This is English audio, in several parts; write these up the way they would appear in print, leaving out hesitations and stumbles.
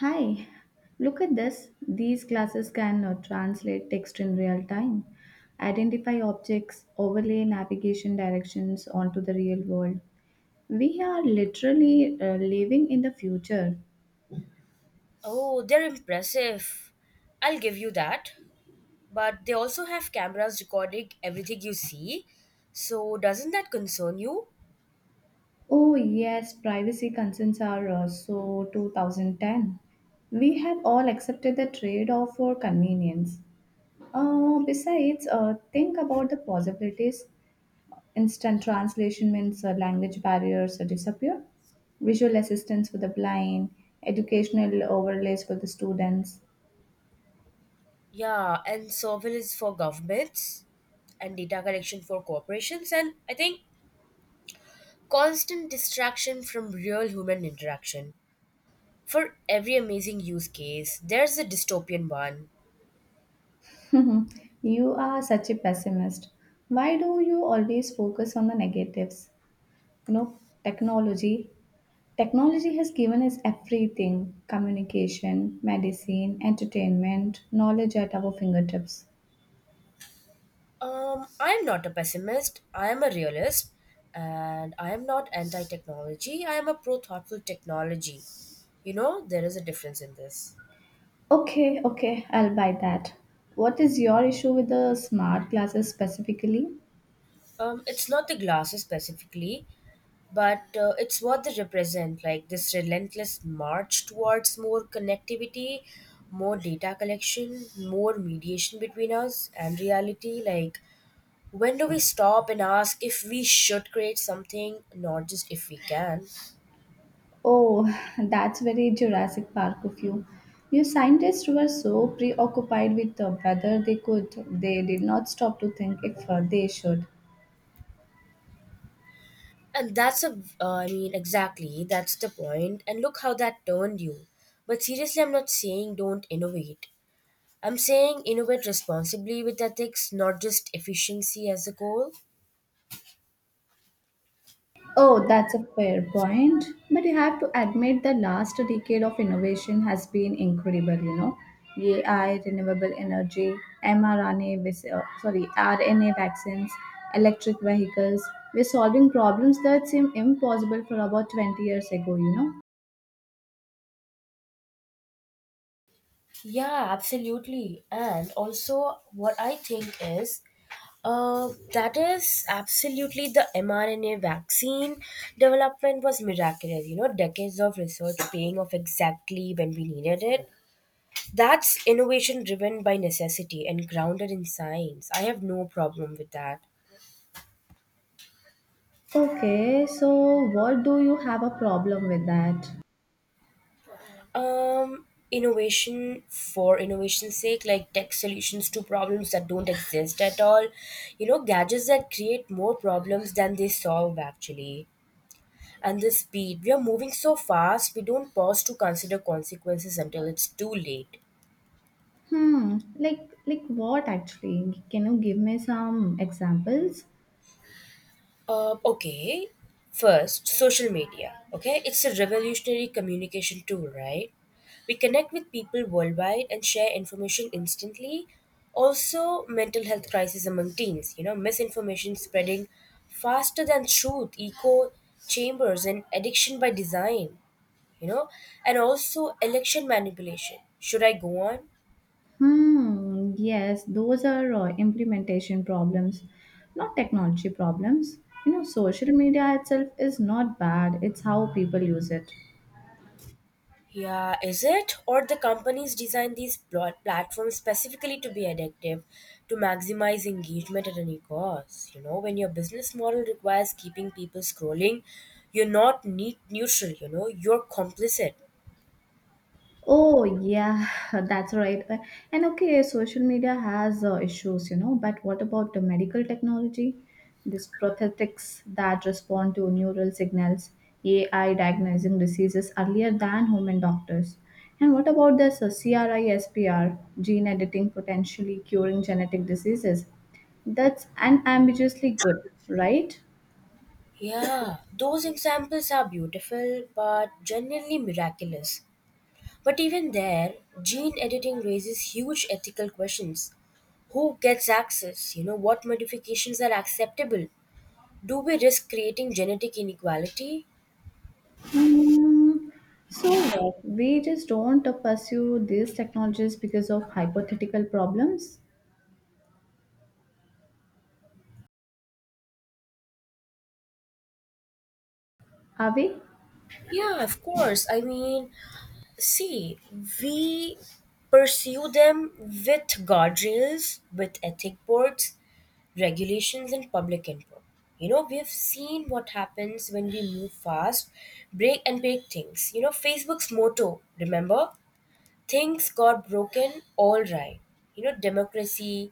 Hi, look at this. These classes can translate text in real time, identify objects, overlay navigation directions onto the real world. We are literally living in the future. Oh, they're impressive. I'll give you that. But they also have cameras recording everything you see. So doesn't that concern you? Oh, yes, privacy concerns are so 2010. We have all accepted the trade off for convenience. Besides, think about the possibilities. Instant translation means language barriers disappear, visual assistance for the blind, educational overlays for the students. Yeah, and surveillance for governments and data collection for corporations and I think constant distraction from real human interaction. For every amazing use case, there's a dystopian one. You are such a pessimist. Why do you always focus on the negatives? You know, technology. Technology has given us everything: communication, medicine, entertainment, knowledge at our fingertips. I'm not a pessimist. I am a realist, and I am not anti-technology. I am a pro-thoughtful technology. You know, there is a difference in this. Okay, okay, I'll buy that. What is your issue with the smart classes specifically? It's not the glasses specifically, but it's what they represent. Like this relentless march towards more connectivity, more data collection, more mediation between us and reality. Like, when do we stop and ask if we should create something, not just if we can? Oh, that's very Jurassic Park of you. You scientists were so preoccupied with the whether they could, they did not stop to think if they should. And that's exactly, that's the point. And look how that turned you. But seriously, I'm not saying don't innovate. I'm saying innovate responsibly with ethics, not just efficiency as a goal. Oh, that's a fair point. But you have to admit the last decade of innovation has been incredible, you know. AI, renewable energy, RNA vaccines, electric vehicles. We're solving problems that seem impossible for about 20 years ago, you know. Yeah, absolutely. And also, what I think is that is absolutely the mRNA vaccine development was miraculous. You know, decades of research paying off exactly when we needed it. That's innovation driven by necessity and grounded in science. I have no problem with that. Okay, so what do you have a problem with that? Innovation for innovation's sake, like tech solutions to problems that don't exist at all. You know, gadgets that create more problems than they solve, actually. And the speed. We are moving so fast, we don't pause to consider consequences until it's too late. Hmm, like what actually? Can you give me some examples? Okay. First, social media. Okay, it's a revolutionary communication tool, right? We connect with people worldwide and share information instantly. Also, mental health crisis among teens. You know, misinformation spreading faster than truth, echo chambers, and addiction by design. You know, and also election manipulation. Should I go on? Hmm, yes, those are implementation problems, not technology problems. You know, social media itself is not bad, it's how people use it. Yeah, is it? Or the companies design these platforms specifically to be addictive, to maximize engagement at any cost. You know, when your business model requires keeping people scrolling, you're not neutral, you know, you're complicit. Oh yeah, that's right. And okay, social media has issues, you know. But what about the medical technology? These prosthetics that respond to neural signals, AI diagnosing diseases earlier than human doctors. And what about this CRISPR gene editing potentially curing genetic diseases? That's unambiguously good, right? Yeah, those examples are beautiful but genuinely miraculous. But even there, gene editing raises huge ethical questions. Who gets access? You know, what modifications are acceptable? Do we risk creating genetic inequality? Mm, so what? We just don't pursue these technologies because of hypothetical problems, are we? Yeah, of course. I mean, see, we pursue them with guardrails, with ethic boards, regulations, and public input. You know, we have seen what happens when we move fast, break things. You know, Facebook's motto, remember? Things got broken, all right. You know, democracy,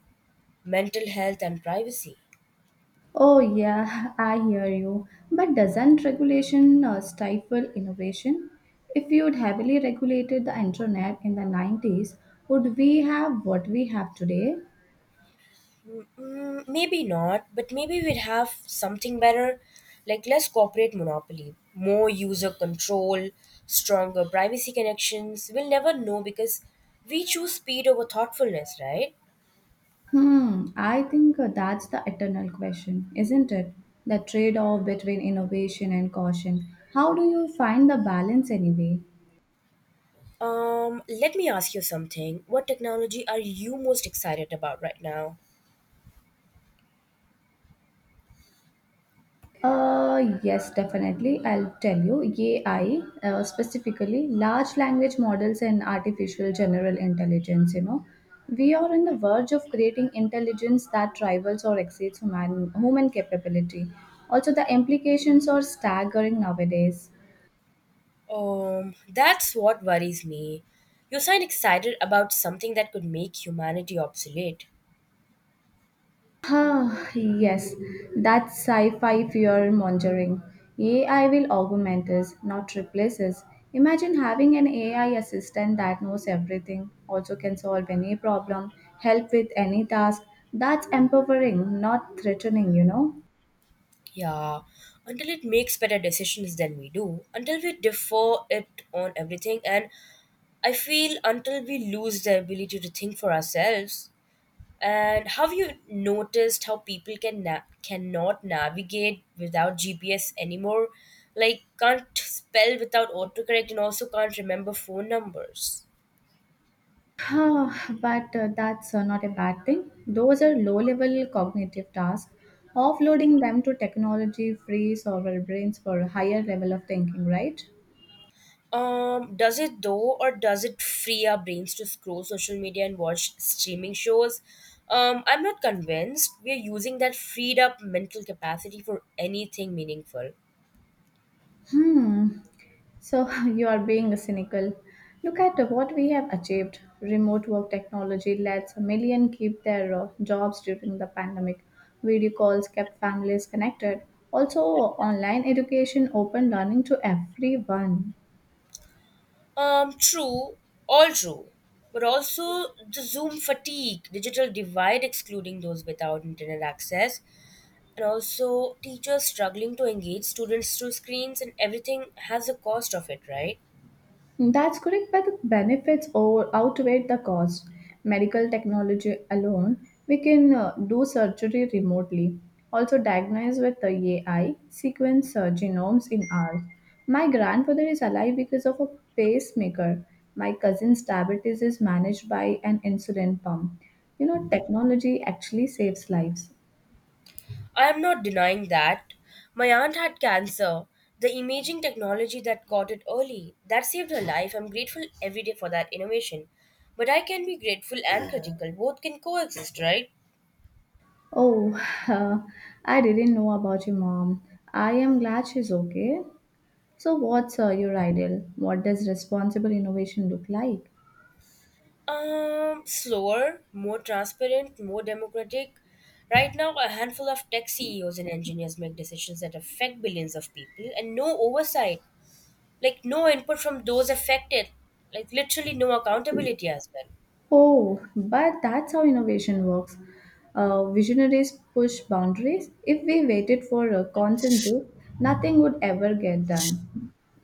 mental health, and privacy. Oh, yeah, I hear you. But doesn't regulation stifle innovation? If we would heavily regulated the internet in the 90s, would we have what we have today? Mm, maybe not, but maybe we'd have something better, like less corporate monopoly, more user control, stronger privacy connections. We'll never know because we choose speed over thoughtfulness, right? Hmm, I think that's the eternal question, isn't it? The trade off between innovation and caution. How do you find the balance anyway? Let me ask you something. What technology are you most excited about right now? Yes, definitely. I'll tell you. AI, specifically large language models and artificial general intelligence, you know, we are on the verge of creating intelligence that rivals or exceeds human capability. Also, the implications are staggering nowadays. That's what worries me. You sound excited about something that could make humanity obsolete. Ah, yes, that's sci-fi fear mongering. AI will augment us, not replace us. Imagine having an AI assistant that knows everything, also can solve any problem, help with any task. That's empowering, not threatening, you know. Yeah, until it makes better decisions than we do, until we defer it on everything, and I feel until we lose the ability to think for ourselves. And have you noticed how people can cannot navigate without GPS anymore? Like can't spell without autocorrect, and also can't remember phone numbers. Ah, but that's not a bad thing. Those are low level cognitive tasks. Offloading them to technology frees our brains for a higher level of thinking, right? Does it though, or does it free our brains to scroll social media and watch streaming shows? I'm not convinced we're using that freed up mental capacity for anything meaningful. Hmm. So you are being cynical. Look at what we have achieved. Remote work technology lets a million keep their jobs during the pandemic. Video calls kept families connected. Also, online education opened learning to everyone. True, all true, but also the Zoom fatigue, digital divide excluding those without internet access, and also teachers struggling to engage students through screens, and everything has a cost of it, right? That's correct, but the benefits over outweigh the cost. Medical technology alone, we can do surgery remotely. Also, diagnose with the AI, sequence genomes in hours. My grandfather is alive because of a pacemaker. My cousin's diabetes is managed by an insulin pump. You know, technology actually saves lives. I am not denying that. My aunt had cancer. The imaging technology that caught it early, that saved her life. I'm grateful every day for that innovation. But I can be grateful and critical. Both can coexist, right? Oh, I didn't know about your mom. I am glad she's okay. So, what's your ideal? What does responsible innovation look like? Slower, more transparent, more democratic. Right now, a handful of tech CEOs and engineers make decisions that affect billions of people and no oversight. Like, no input from those affected. Like, literally, no accountability as well. Oh, but that's how innovation works. Visionaries push boundaries. If we waited for a consensus, nothing would ever get done.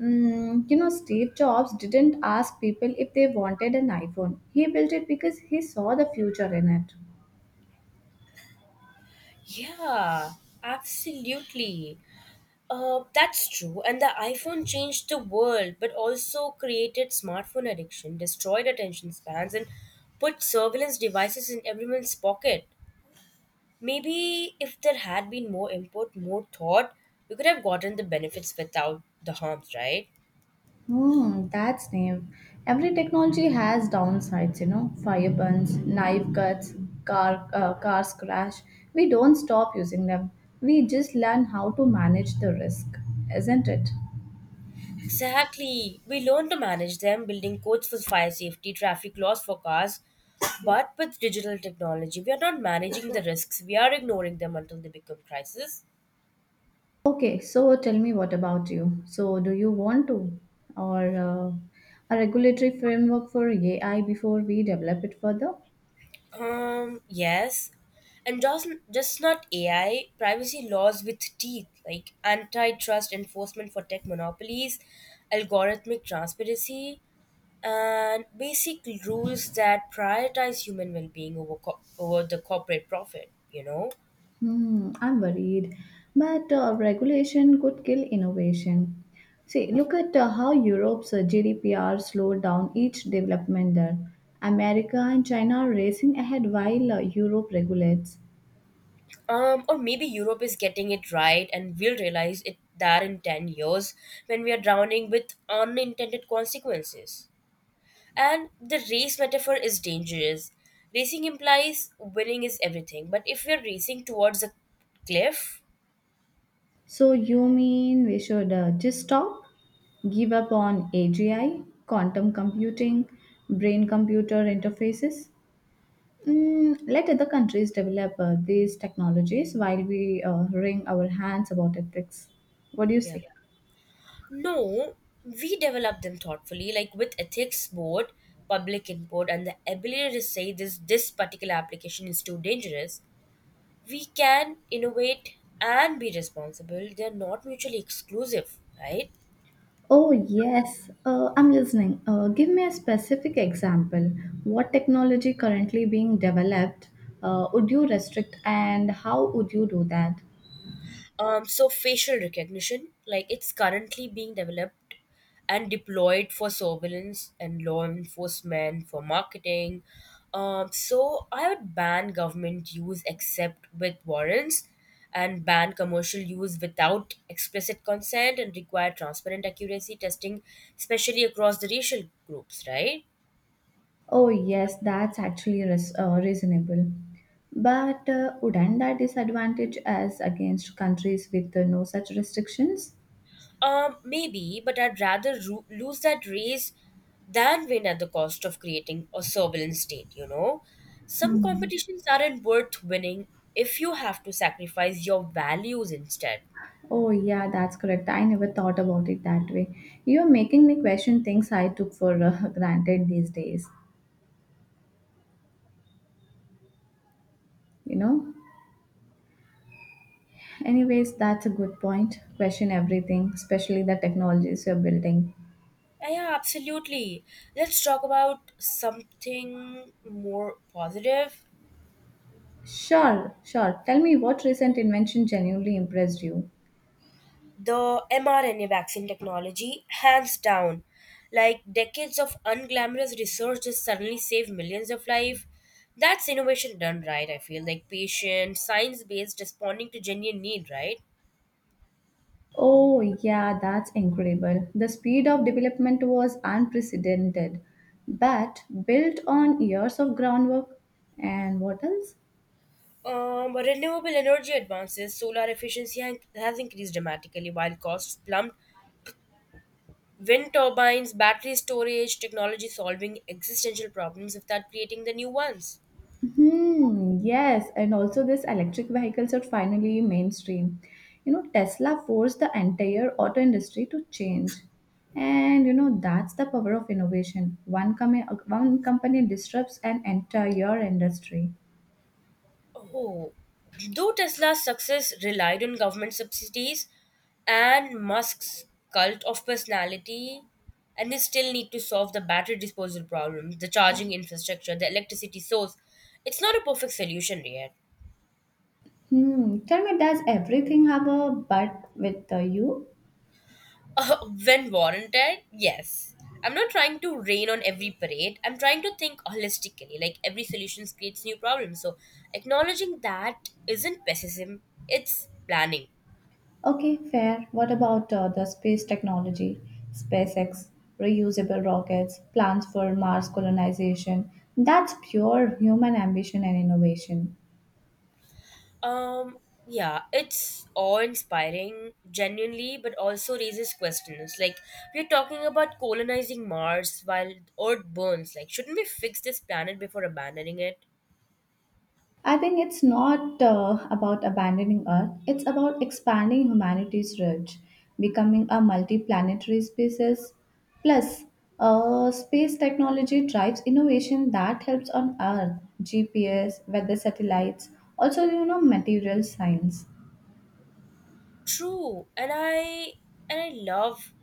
Mm, you know, Steve Jobs didn't ask people if they wanted an iPhone, he built it because he saw the future in it. Yeah, absolutely. That's true. And the iPhone changed the world, but also created smartphone addiction, destroyed attention spans, and put surveillance devices in everyone's pocket. Maybe if there had been more input, more thought, we could have gotten the benefits without the harms, right? Hmm, that's naive. Every technology has downsides, you know, fire burns, knife cuts, cars crash. We don't stop using them. We just learn how to manage the risk, isn't it? Exactly. We learn to manage them, building codes for fire safety, traffic laws for cars. But with digital technology, we are not managing the risks. We are ignoring them until they become crisis. Okay, so tell me what about you? So do you want to or a regulatory framework for AI before we develop it further? Yes. And just not AI. Privacy laws with teeth, like antitrust enforcement for tech monopolies, algorithmic transparency, and basic rules that prioritize human well-being over the corporate profit. You know. Hmm, I'm worried. But regulation could kill innovation. See, look at how Europe's GDPR slowed down each development there. America and China are racing ahead while Europe regulates. Or maybe Europe is getting it right, and we'll realize it that in 10 years when we are drowning with unintended consequences. And the race metaphor is dangerous. Racing implies winning is everything, but if we are racing towards a cliff, So, you mean we should just stop? Give up on AGI, quantum computing, brain computer interfaces? Mm, let other countries develop these technologies while we wring our hands about ethics. What do you yeah, say? no, we develop them thoughtfully, like with ethics board, public input, and the ability to say this particular application is too dangerous. We can innovate and be responsible. They're not mutually exclusive, right? Oh, yes, I'm listening. Give me a specific example. What technology currently being developed would you restrict and how would you do that? So facial recognition, like it's currently being developed and deployed for surveillance and law enforcement for marketing. So I would ban government use except with warrants, and ban commercial use without explicit consent, and require transparent accuracy testing especially across the racial groups, right? Oh, yes, that's actually reasonable. But wouldn't that disadvantage us against countries with no such restrictions? Maybe, but I'd rather lose that race than win at the cost of creating a turbulent state, you know? Some competitions aren't worth winning if you have to sacrifice your values instead. Oh, yeah, that's correct. I never thought about it that way. You're making me question things I took for granted these days, you know? Anyways, that's a good point. Question everything, especially the technologies you're building. Yeah, absolutely. Let's talk about something more positive. Sure, sure. Tell me what recent invention genuinely impressed you. The mRNA vaccine technology, hands down. Like decades of unglamorous research has suddenly saved millions of lives. That's innovation done right, I feel. Like patient, science based, responding to genuine need, right? Oh, yeah, that's incredible. The speed of development was unprecedented, but built on years of groundwork. And what else? Renewable energy advances, solar efficiency has increased dramatically while costs plummet. Wind turbines, battery storage, technology solving existential problems without creating the new ones. Hmm, yes, and also these electric vehicles are finally mainstream. You know, Tesla forced the entire auto industry to change. And you know, that's the power of innovation. One company disrupts an entire industry. Oh, though Tesla's success relied on government subsidies and Musk's cult of personality, and they still need to solve the battery disposal problem, the charging infrastructure, the electricity source. It's not a perfect solution yet. Hmm, tell me, does everything have a but with you? When warranted, yes. I'm not trying to rain on every parade. I'm trying to think holistically, like every solution creates new problems. So acknowledging that isn't pessimism, it's planning. Okay, fair. What about the space technology, SpaceX, reusable rockets, plans for Mars colonization? That's pure human ambition and innovation. Um, yeah, it's awe-inspiring, genuinely, but also raises questions. Like we're talking about colonizing Mars while Earth burns. Like, shouldn't we fix this planet before abandoning it? I think it's not about abandoning Earth, it's about expanding humanity's reach, becoming a multi-planetary species. Plus, space technology drives innovation that helps on Earth, GPS, weather satellites, also, you know, material science. True, and I love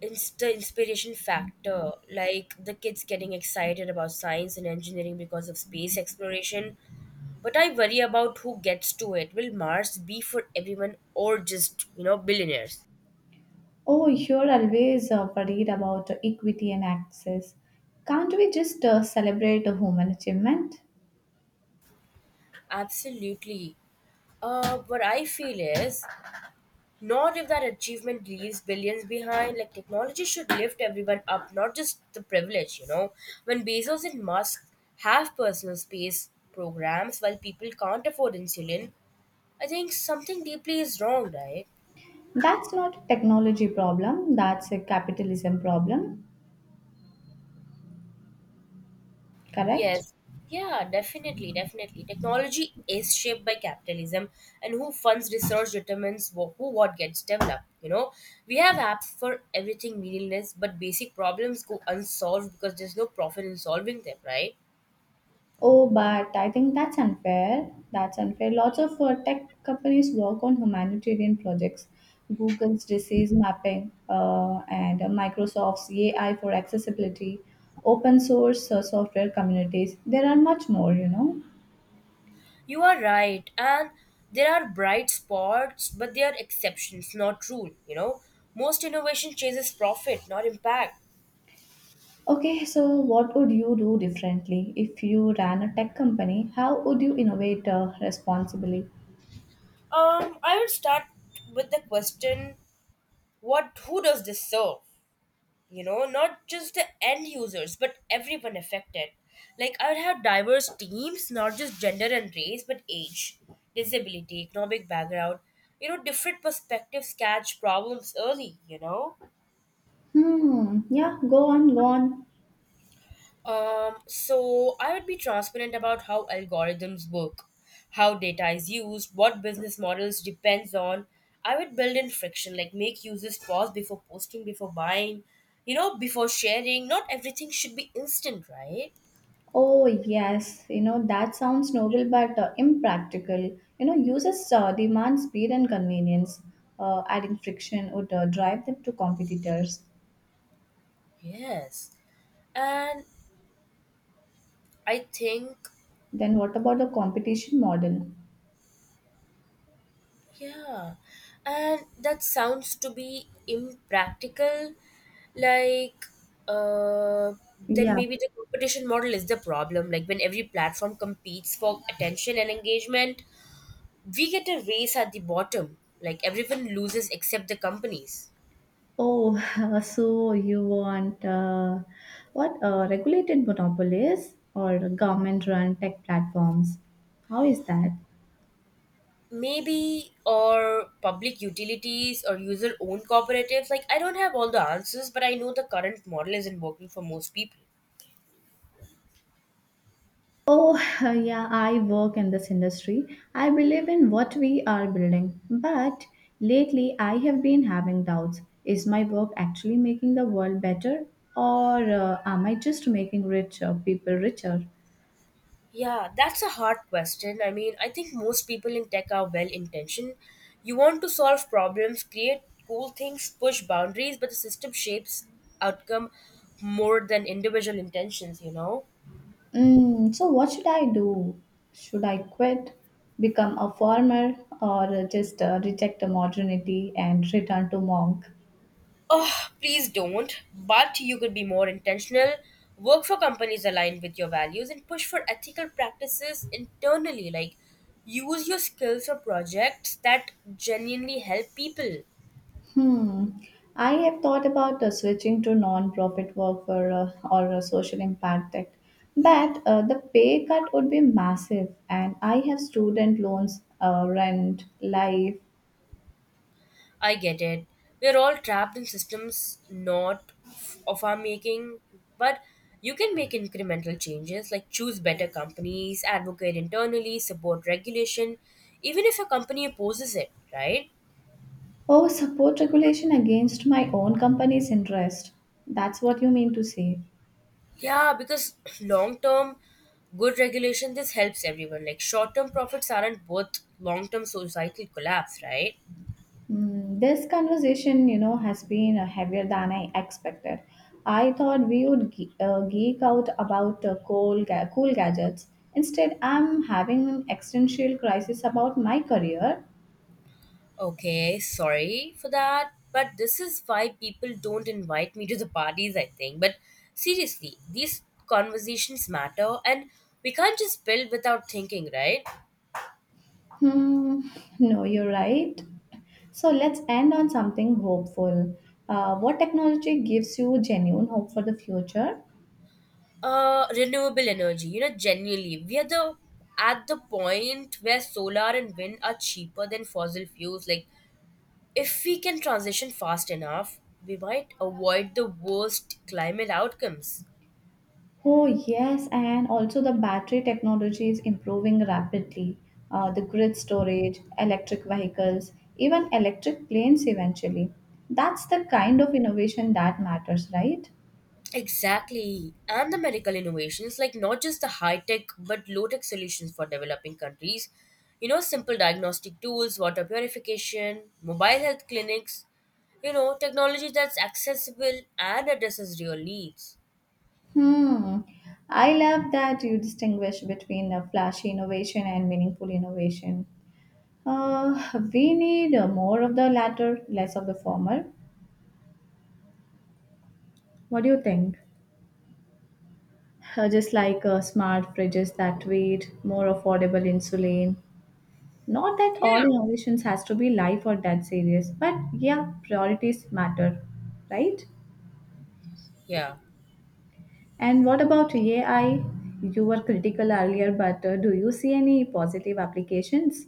the inspiration factor. Like the kids getting excited about science and engineering because of space exploration. But I worry about who gets to it. Will Mars be for everyone or just, you know, billionaires? Oh, you're always worried about equity and access. Can't we just celebrate a human achievement? Absolutely. What I feel is not if that achievement leaves billions behind. Like technology should lift everyone up, not just the privileged. You know, when Bezos and Musk have personal space programs while people can't afford insulin, I think something deeply is wrong, right? That's not a technology problem, that's a capitalism problem, correct? Yes. Yeah, definitely. Technology is shaped by capitalism, and who funds research determines wh- who what gets developed. You know, we have apps for everything meaningless, but basic problems go unsolved because there's no profit in solving them, right? Oh, but I think that's unfair. That's unfair. Lots of tech companies work on humanitarian projects. Google's disease mapping and Microsoft's AI for accessibility, open source software communities. There are much more, you know. You are right, and there are bright spots, but they are exceptions, not rule. You know, most innovation chases profit, not impact. Okay, so what would you do differently if you ran a tech company? How would you innovate responsibly? I will start with the question: what? Who does this serve? You know, not just the end users but everyone affected. Like I would have diverse teams, not just gender and race but age, disability, economic background. You know, different perspectives catch problems early, you know. Hmm, yeah, go on, go on. So I would be transparent about how algorithms work, how data is used, what business models depends on. I would build in friction, like make users pause before posting, before buying, you know, before sharing. Not everything should be instant, right? Oh, yes, you know, that sounds noble but impractical. You know, users demand speed and convenience. Adding friction would drive them to competitors. Yes. And I think, Then, what about the competition model? yeah. And that sounds to be impractical. Like, uh, then Yeah. maybe the competition model is the problem. Like, when every platform competes for attention and engagement, we get a race at the bottom. Like, everyone loses except the companies. Oh, so you want what regulated monopolies or government-run tech platforms? How is that? Maybe, or public utilities or user owned cooperatives. Like, I don't have all the answers, but I know the current model isn't working for most people. Oh, yeah, I work in this industry. I believe in what we are building, but lately I have been having doubts. Is my work actually making the world better, or am I just making richer people richer? Yeah, that's a hard question. I mean, I think most people in tech are well intentioned. You want to solve problems, create cool things, push boundaries, but the system shapes outcome more than individual intentions, you know? Mm, so what should I do? Should I quit, become a farmer, or just reject modernity and return to monk? Oh, please don't. But you could be more intentional, work for companies aligned with your values, and push for ethical practices internally. Like, use your skills for projects that genuinely help people. Hmm. I have thought about switching to non-profit work for or a social impact act, but the pay cut would be massive, and I have student loans, rent, life, I get it. We're all trapped in systems not f- of our making, but you can make incremental changes like choose better companies, advocate internally, support regulation, even if your company opposes it, right? oh, support regulation against my own company's interest. That's what you mean to say. Yeah, because long term good regulation this helps everyone. Like short term profits aren't worth long term societal collapse, right? Mm, this conversation, you know, has been heavier than I expected. I thought we would geek out about cool, cool gadgets. Instead, I'm having an existential crisis about my career. Okay, sorry for that, but this is why people don't invite me to the parties, I think. But seriously, these conversations matter, and we can't just build without thinking, right? Hmm, no, you're right. So let's end on something hopeful. What technology gives you genuine hope for the future? Renewable energy, you know, genuinely, we are the at the point where solar and wind are cheaper than fossil fuels. Like, if we can transition fast enough, we might avoid the worst climate outcomes. Oh, yes, and also the battery technology is improving rapidly. The grid storage, electric vehicles, even electric planes eventually. That's the kind of innovation that matters, right? Exactly. And the medical innovations, like not just the high tech but low tech solutions for developing countries. You know, simple diagnostic tools, water purification, mobile health clinics, you know, technology that's accessible and addresses real needs. Hmm. I love that you distinguish between a flashy innovation and meaningful innovation. Uh, we need more of the latter, less of the former. What do you think? Just like smart fridges that wait, more affordable insulin, not that all Yeah. innovations has to be life or death serious, but yeah, priorities matter, right? Yeah. And what about AI? You were critical earlier, but do you see any positive applications?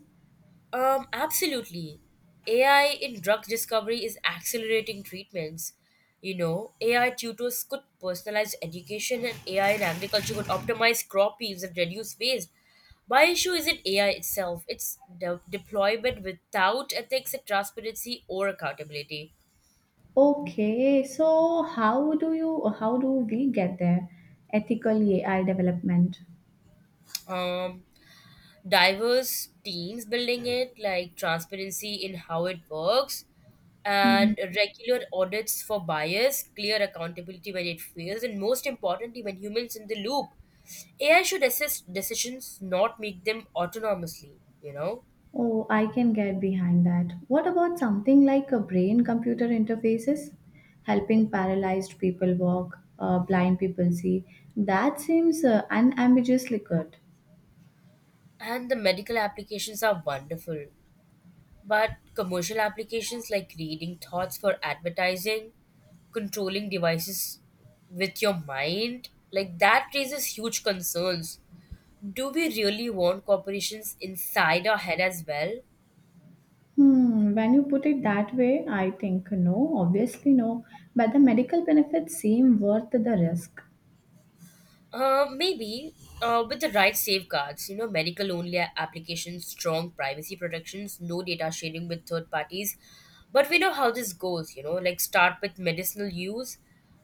Absolutely. AI in drug discovery is accelerating treatments. You know, AI tutors could personalize education, and AI in agriculture could optimize crop yields and reduce waste. My issue isn't AI itself, it's the deployment without ethics and transparency or accountability. Okay, so how do you how do we get there? Ethical AI development. Um, Diverse teams building it, like transparency in how it works, and regular audits for bias, clear accountability when it fails, and most importantly, when humans in the loop. AI should assist decisions, not make them autonomously, you know? Oh, I can get behind that. What about something like a brain computer interfaces? Helping paralyzed people walk, blind people see. That seems unambiguously good. And the medical applications are wonderful. But commercial applications like reading thoughts for advertising, controlling devices with your mind, like that raises huge concerns. Do we really want corporations inside our head as well? Hmm, when you put it that way, I think no, obviously no. But the medical benefits seem worth the risk. Maybe with the right safeguards, you know, medical only applications, strong privacy protections, no data sharing with third parties. But we know how this goes, you know, like start with medicinal use,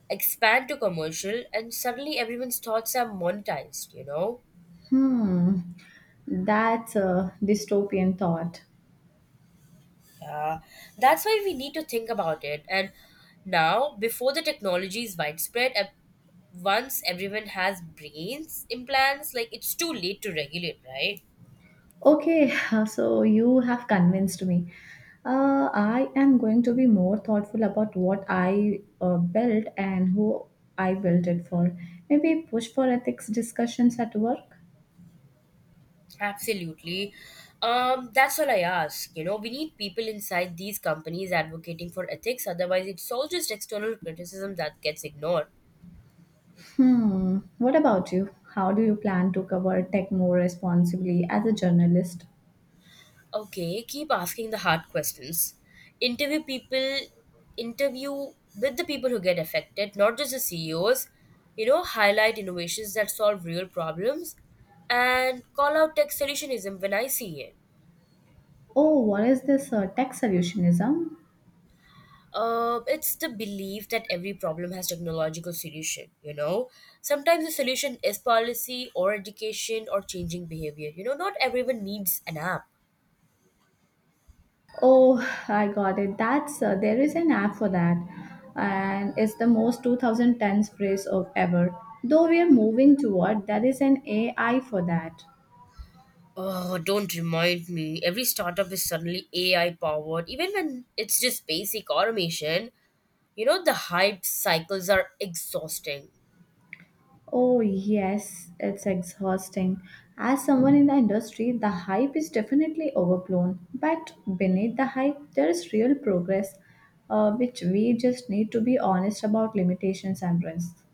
expand to commercial, and suddenly everyone's thoughts are monetized, you know? Hmm, that's a dystopian thought. Yeah, that's why we need to think about it. And now, before the technology is widespread, once everyone has brains implants, like it's too late to regulate, right? Okay, so you have convinced me. I am going to be more thoughtful about what I built and who I built it for. Maybe push for ethics discussions at work. Absolutely. That's all I ask. You know, we need people inside these companies advocating for ethics. Otherwise, it's all just external criticism that gets ignored. Hmm. What about you? How do you plan to cover tech more responsibly as a journalist? Okay, keep asking the hard questions. Interview people, interview with the people who get affected, not just the CEOs. You know, highlight innovations that solve real problems and call out tech solutionism when I see it. Oh, what is this tech solutionism? It's the belief that every problem has technological solution, you know. Sometimes the solution is policy or education or changing behavior. You know, not everyone needs an app. Oh, I got it. That's there is an app for that, and it's the most 2010s phrase of ever. Though we are moving toward, there is an AI for that. Oh, don't remind me. Every startup is suddenly AI powered, even when it's just basic automation. You know, the hype cycles are exhausting. Oh yes, it's exhausting. As someone in the industry, the hype is definitely overblown. But beneath the hype, there is real progress, which we just need to be honest about limitations and risks.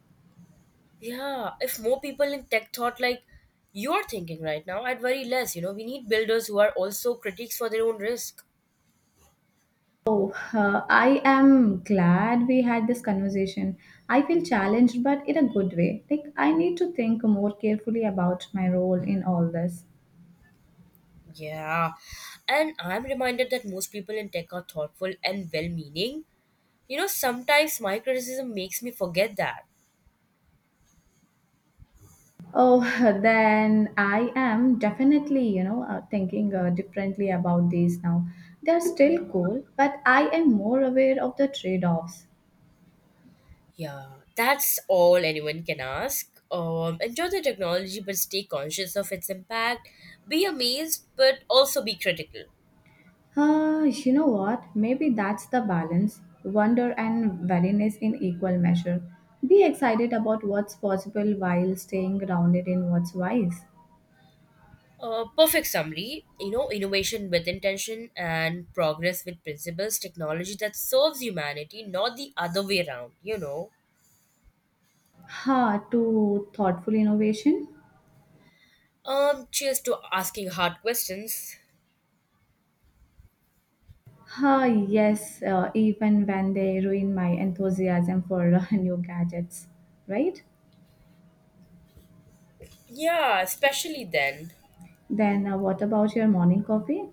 Yeah, if more people in tech thought like you are thinking right now, I'd worry less. You know, we need builders who are also critics for their own risk. Oh, I am glad we had this conversation. I feel challenged, but in a good way. Like, I need to think more carefully about my role in all this. Yeah, and I'm reminded that most people in tech are thoughtful and well meaning. You know, sometimes my criticism makes me forget that. Oh, then I am definitely, you know, thinking differently about these now. They're still cool, but I am more aware of the trade offs. Yeah, that's all anyone can ask. Enjoy the technology, but stay conscious of its impact. Be amazed, but also be critical. You know what? Maybe that's the balance wonder and weariness in equal measure. Be excited about what's possible while staying grounded in what's wise. Perfect summary. You know, innovation with intention and progress with principles. Technology that serves humanity, not the other way around. You know. Ha, to thoughtful innovation. Cheers to asking hard questions. Ha, yes, even when they ruin my enthusiasm for new gadgets, right? Yeah, especially then. Then, what about your morning coffee?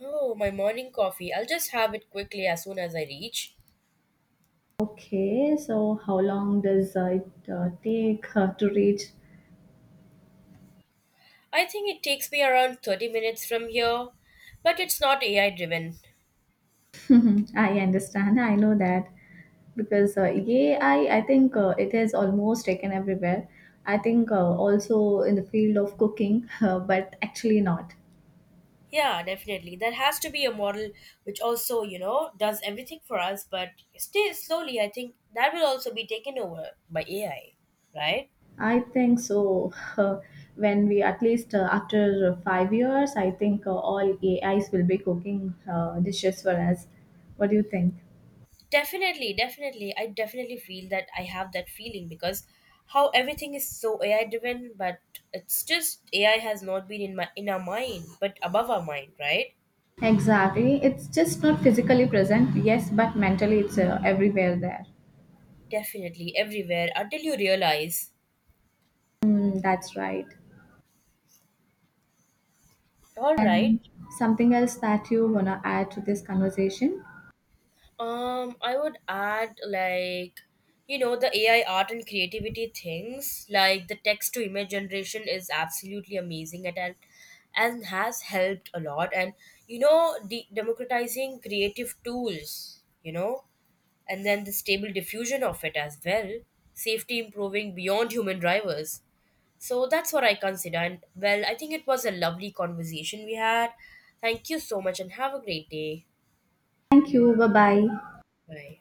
Oh, my morning coffee. I'll just have it quickly as soon as I reach. Okay, so how long does it take to reach? I think it takes me around 30 minutes from here, but it's not AI driven. I understand, I know that. Because AI, I think it is almost taken everywhere. I think also in the field of cooking, but actually not. Yeah, definitely. There has to be a model which also, you know, does everything for us, but still slowly I think that will also be taken over by AI, right? I think so. When we at least after 5 years, I think all AIs will be cooking dishes for us. What do you think? Definitely, definitely. I definitely feel that I have that feeling because how everything is so AI driven, but it's just AI has not been in our mind, but above our mind, right? Exactly. It's just not physically present, yes, but mentally it's everywhere there. Definitely everywhere until you realize. Mm, that's right. All right. Something else that you want to add to this conversation? I would add like you know the AI art and creativity things like the text to image generation is absolutely amazing at and has helped a lot and you know democratizing creative tools you know and then the stable diffusion of it as well safety improving beyond human drivers so that's what I consider and well I think it was a lovely conversation we had thank you so much and have a great day Thank you. Bye bye. bye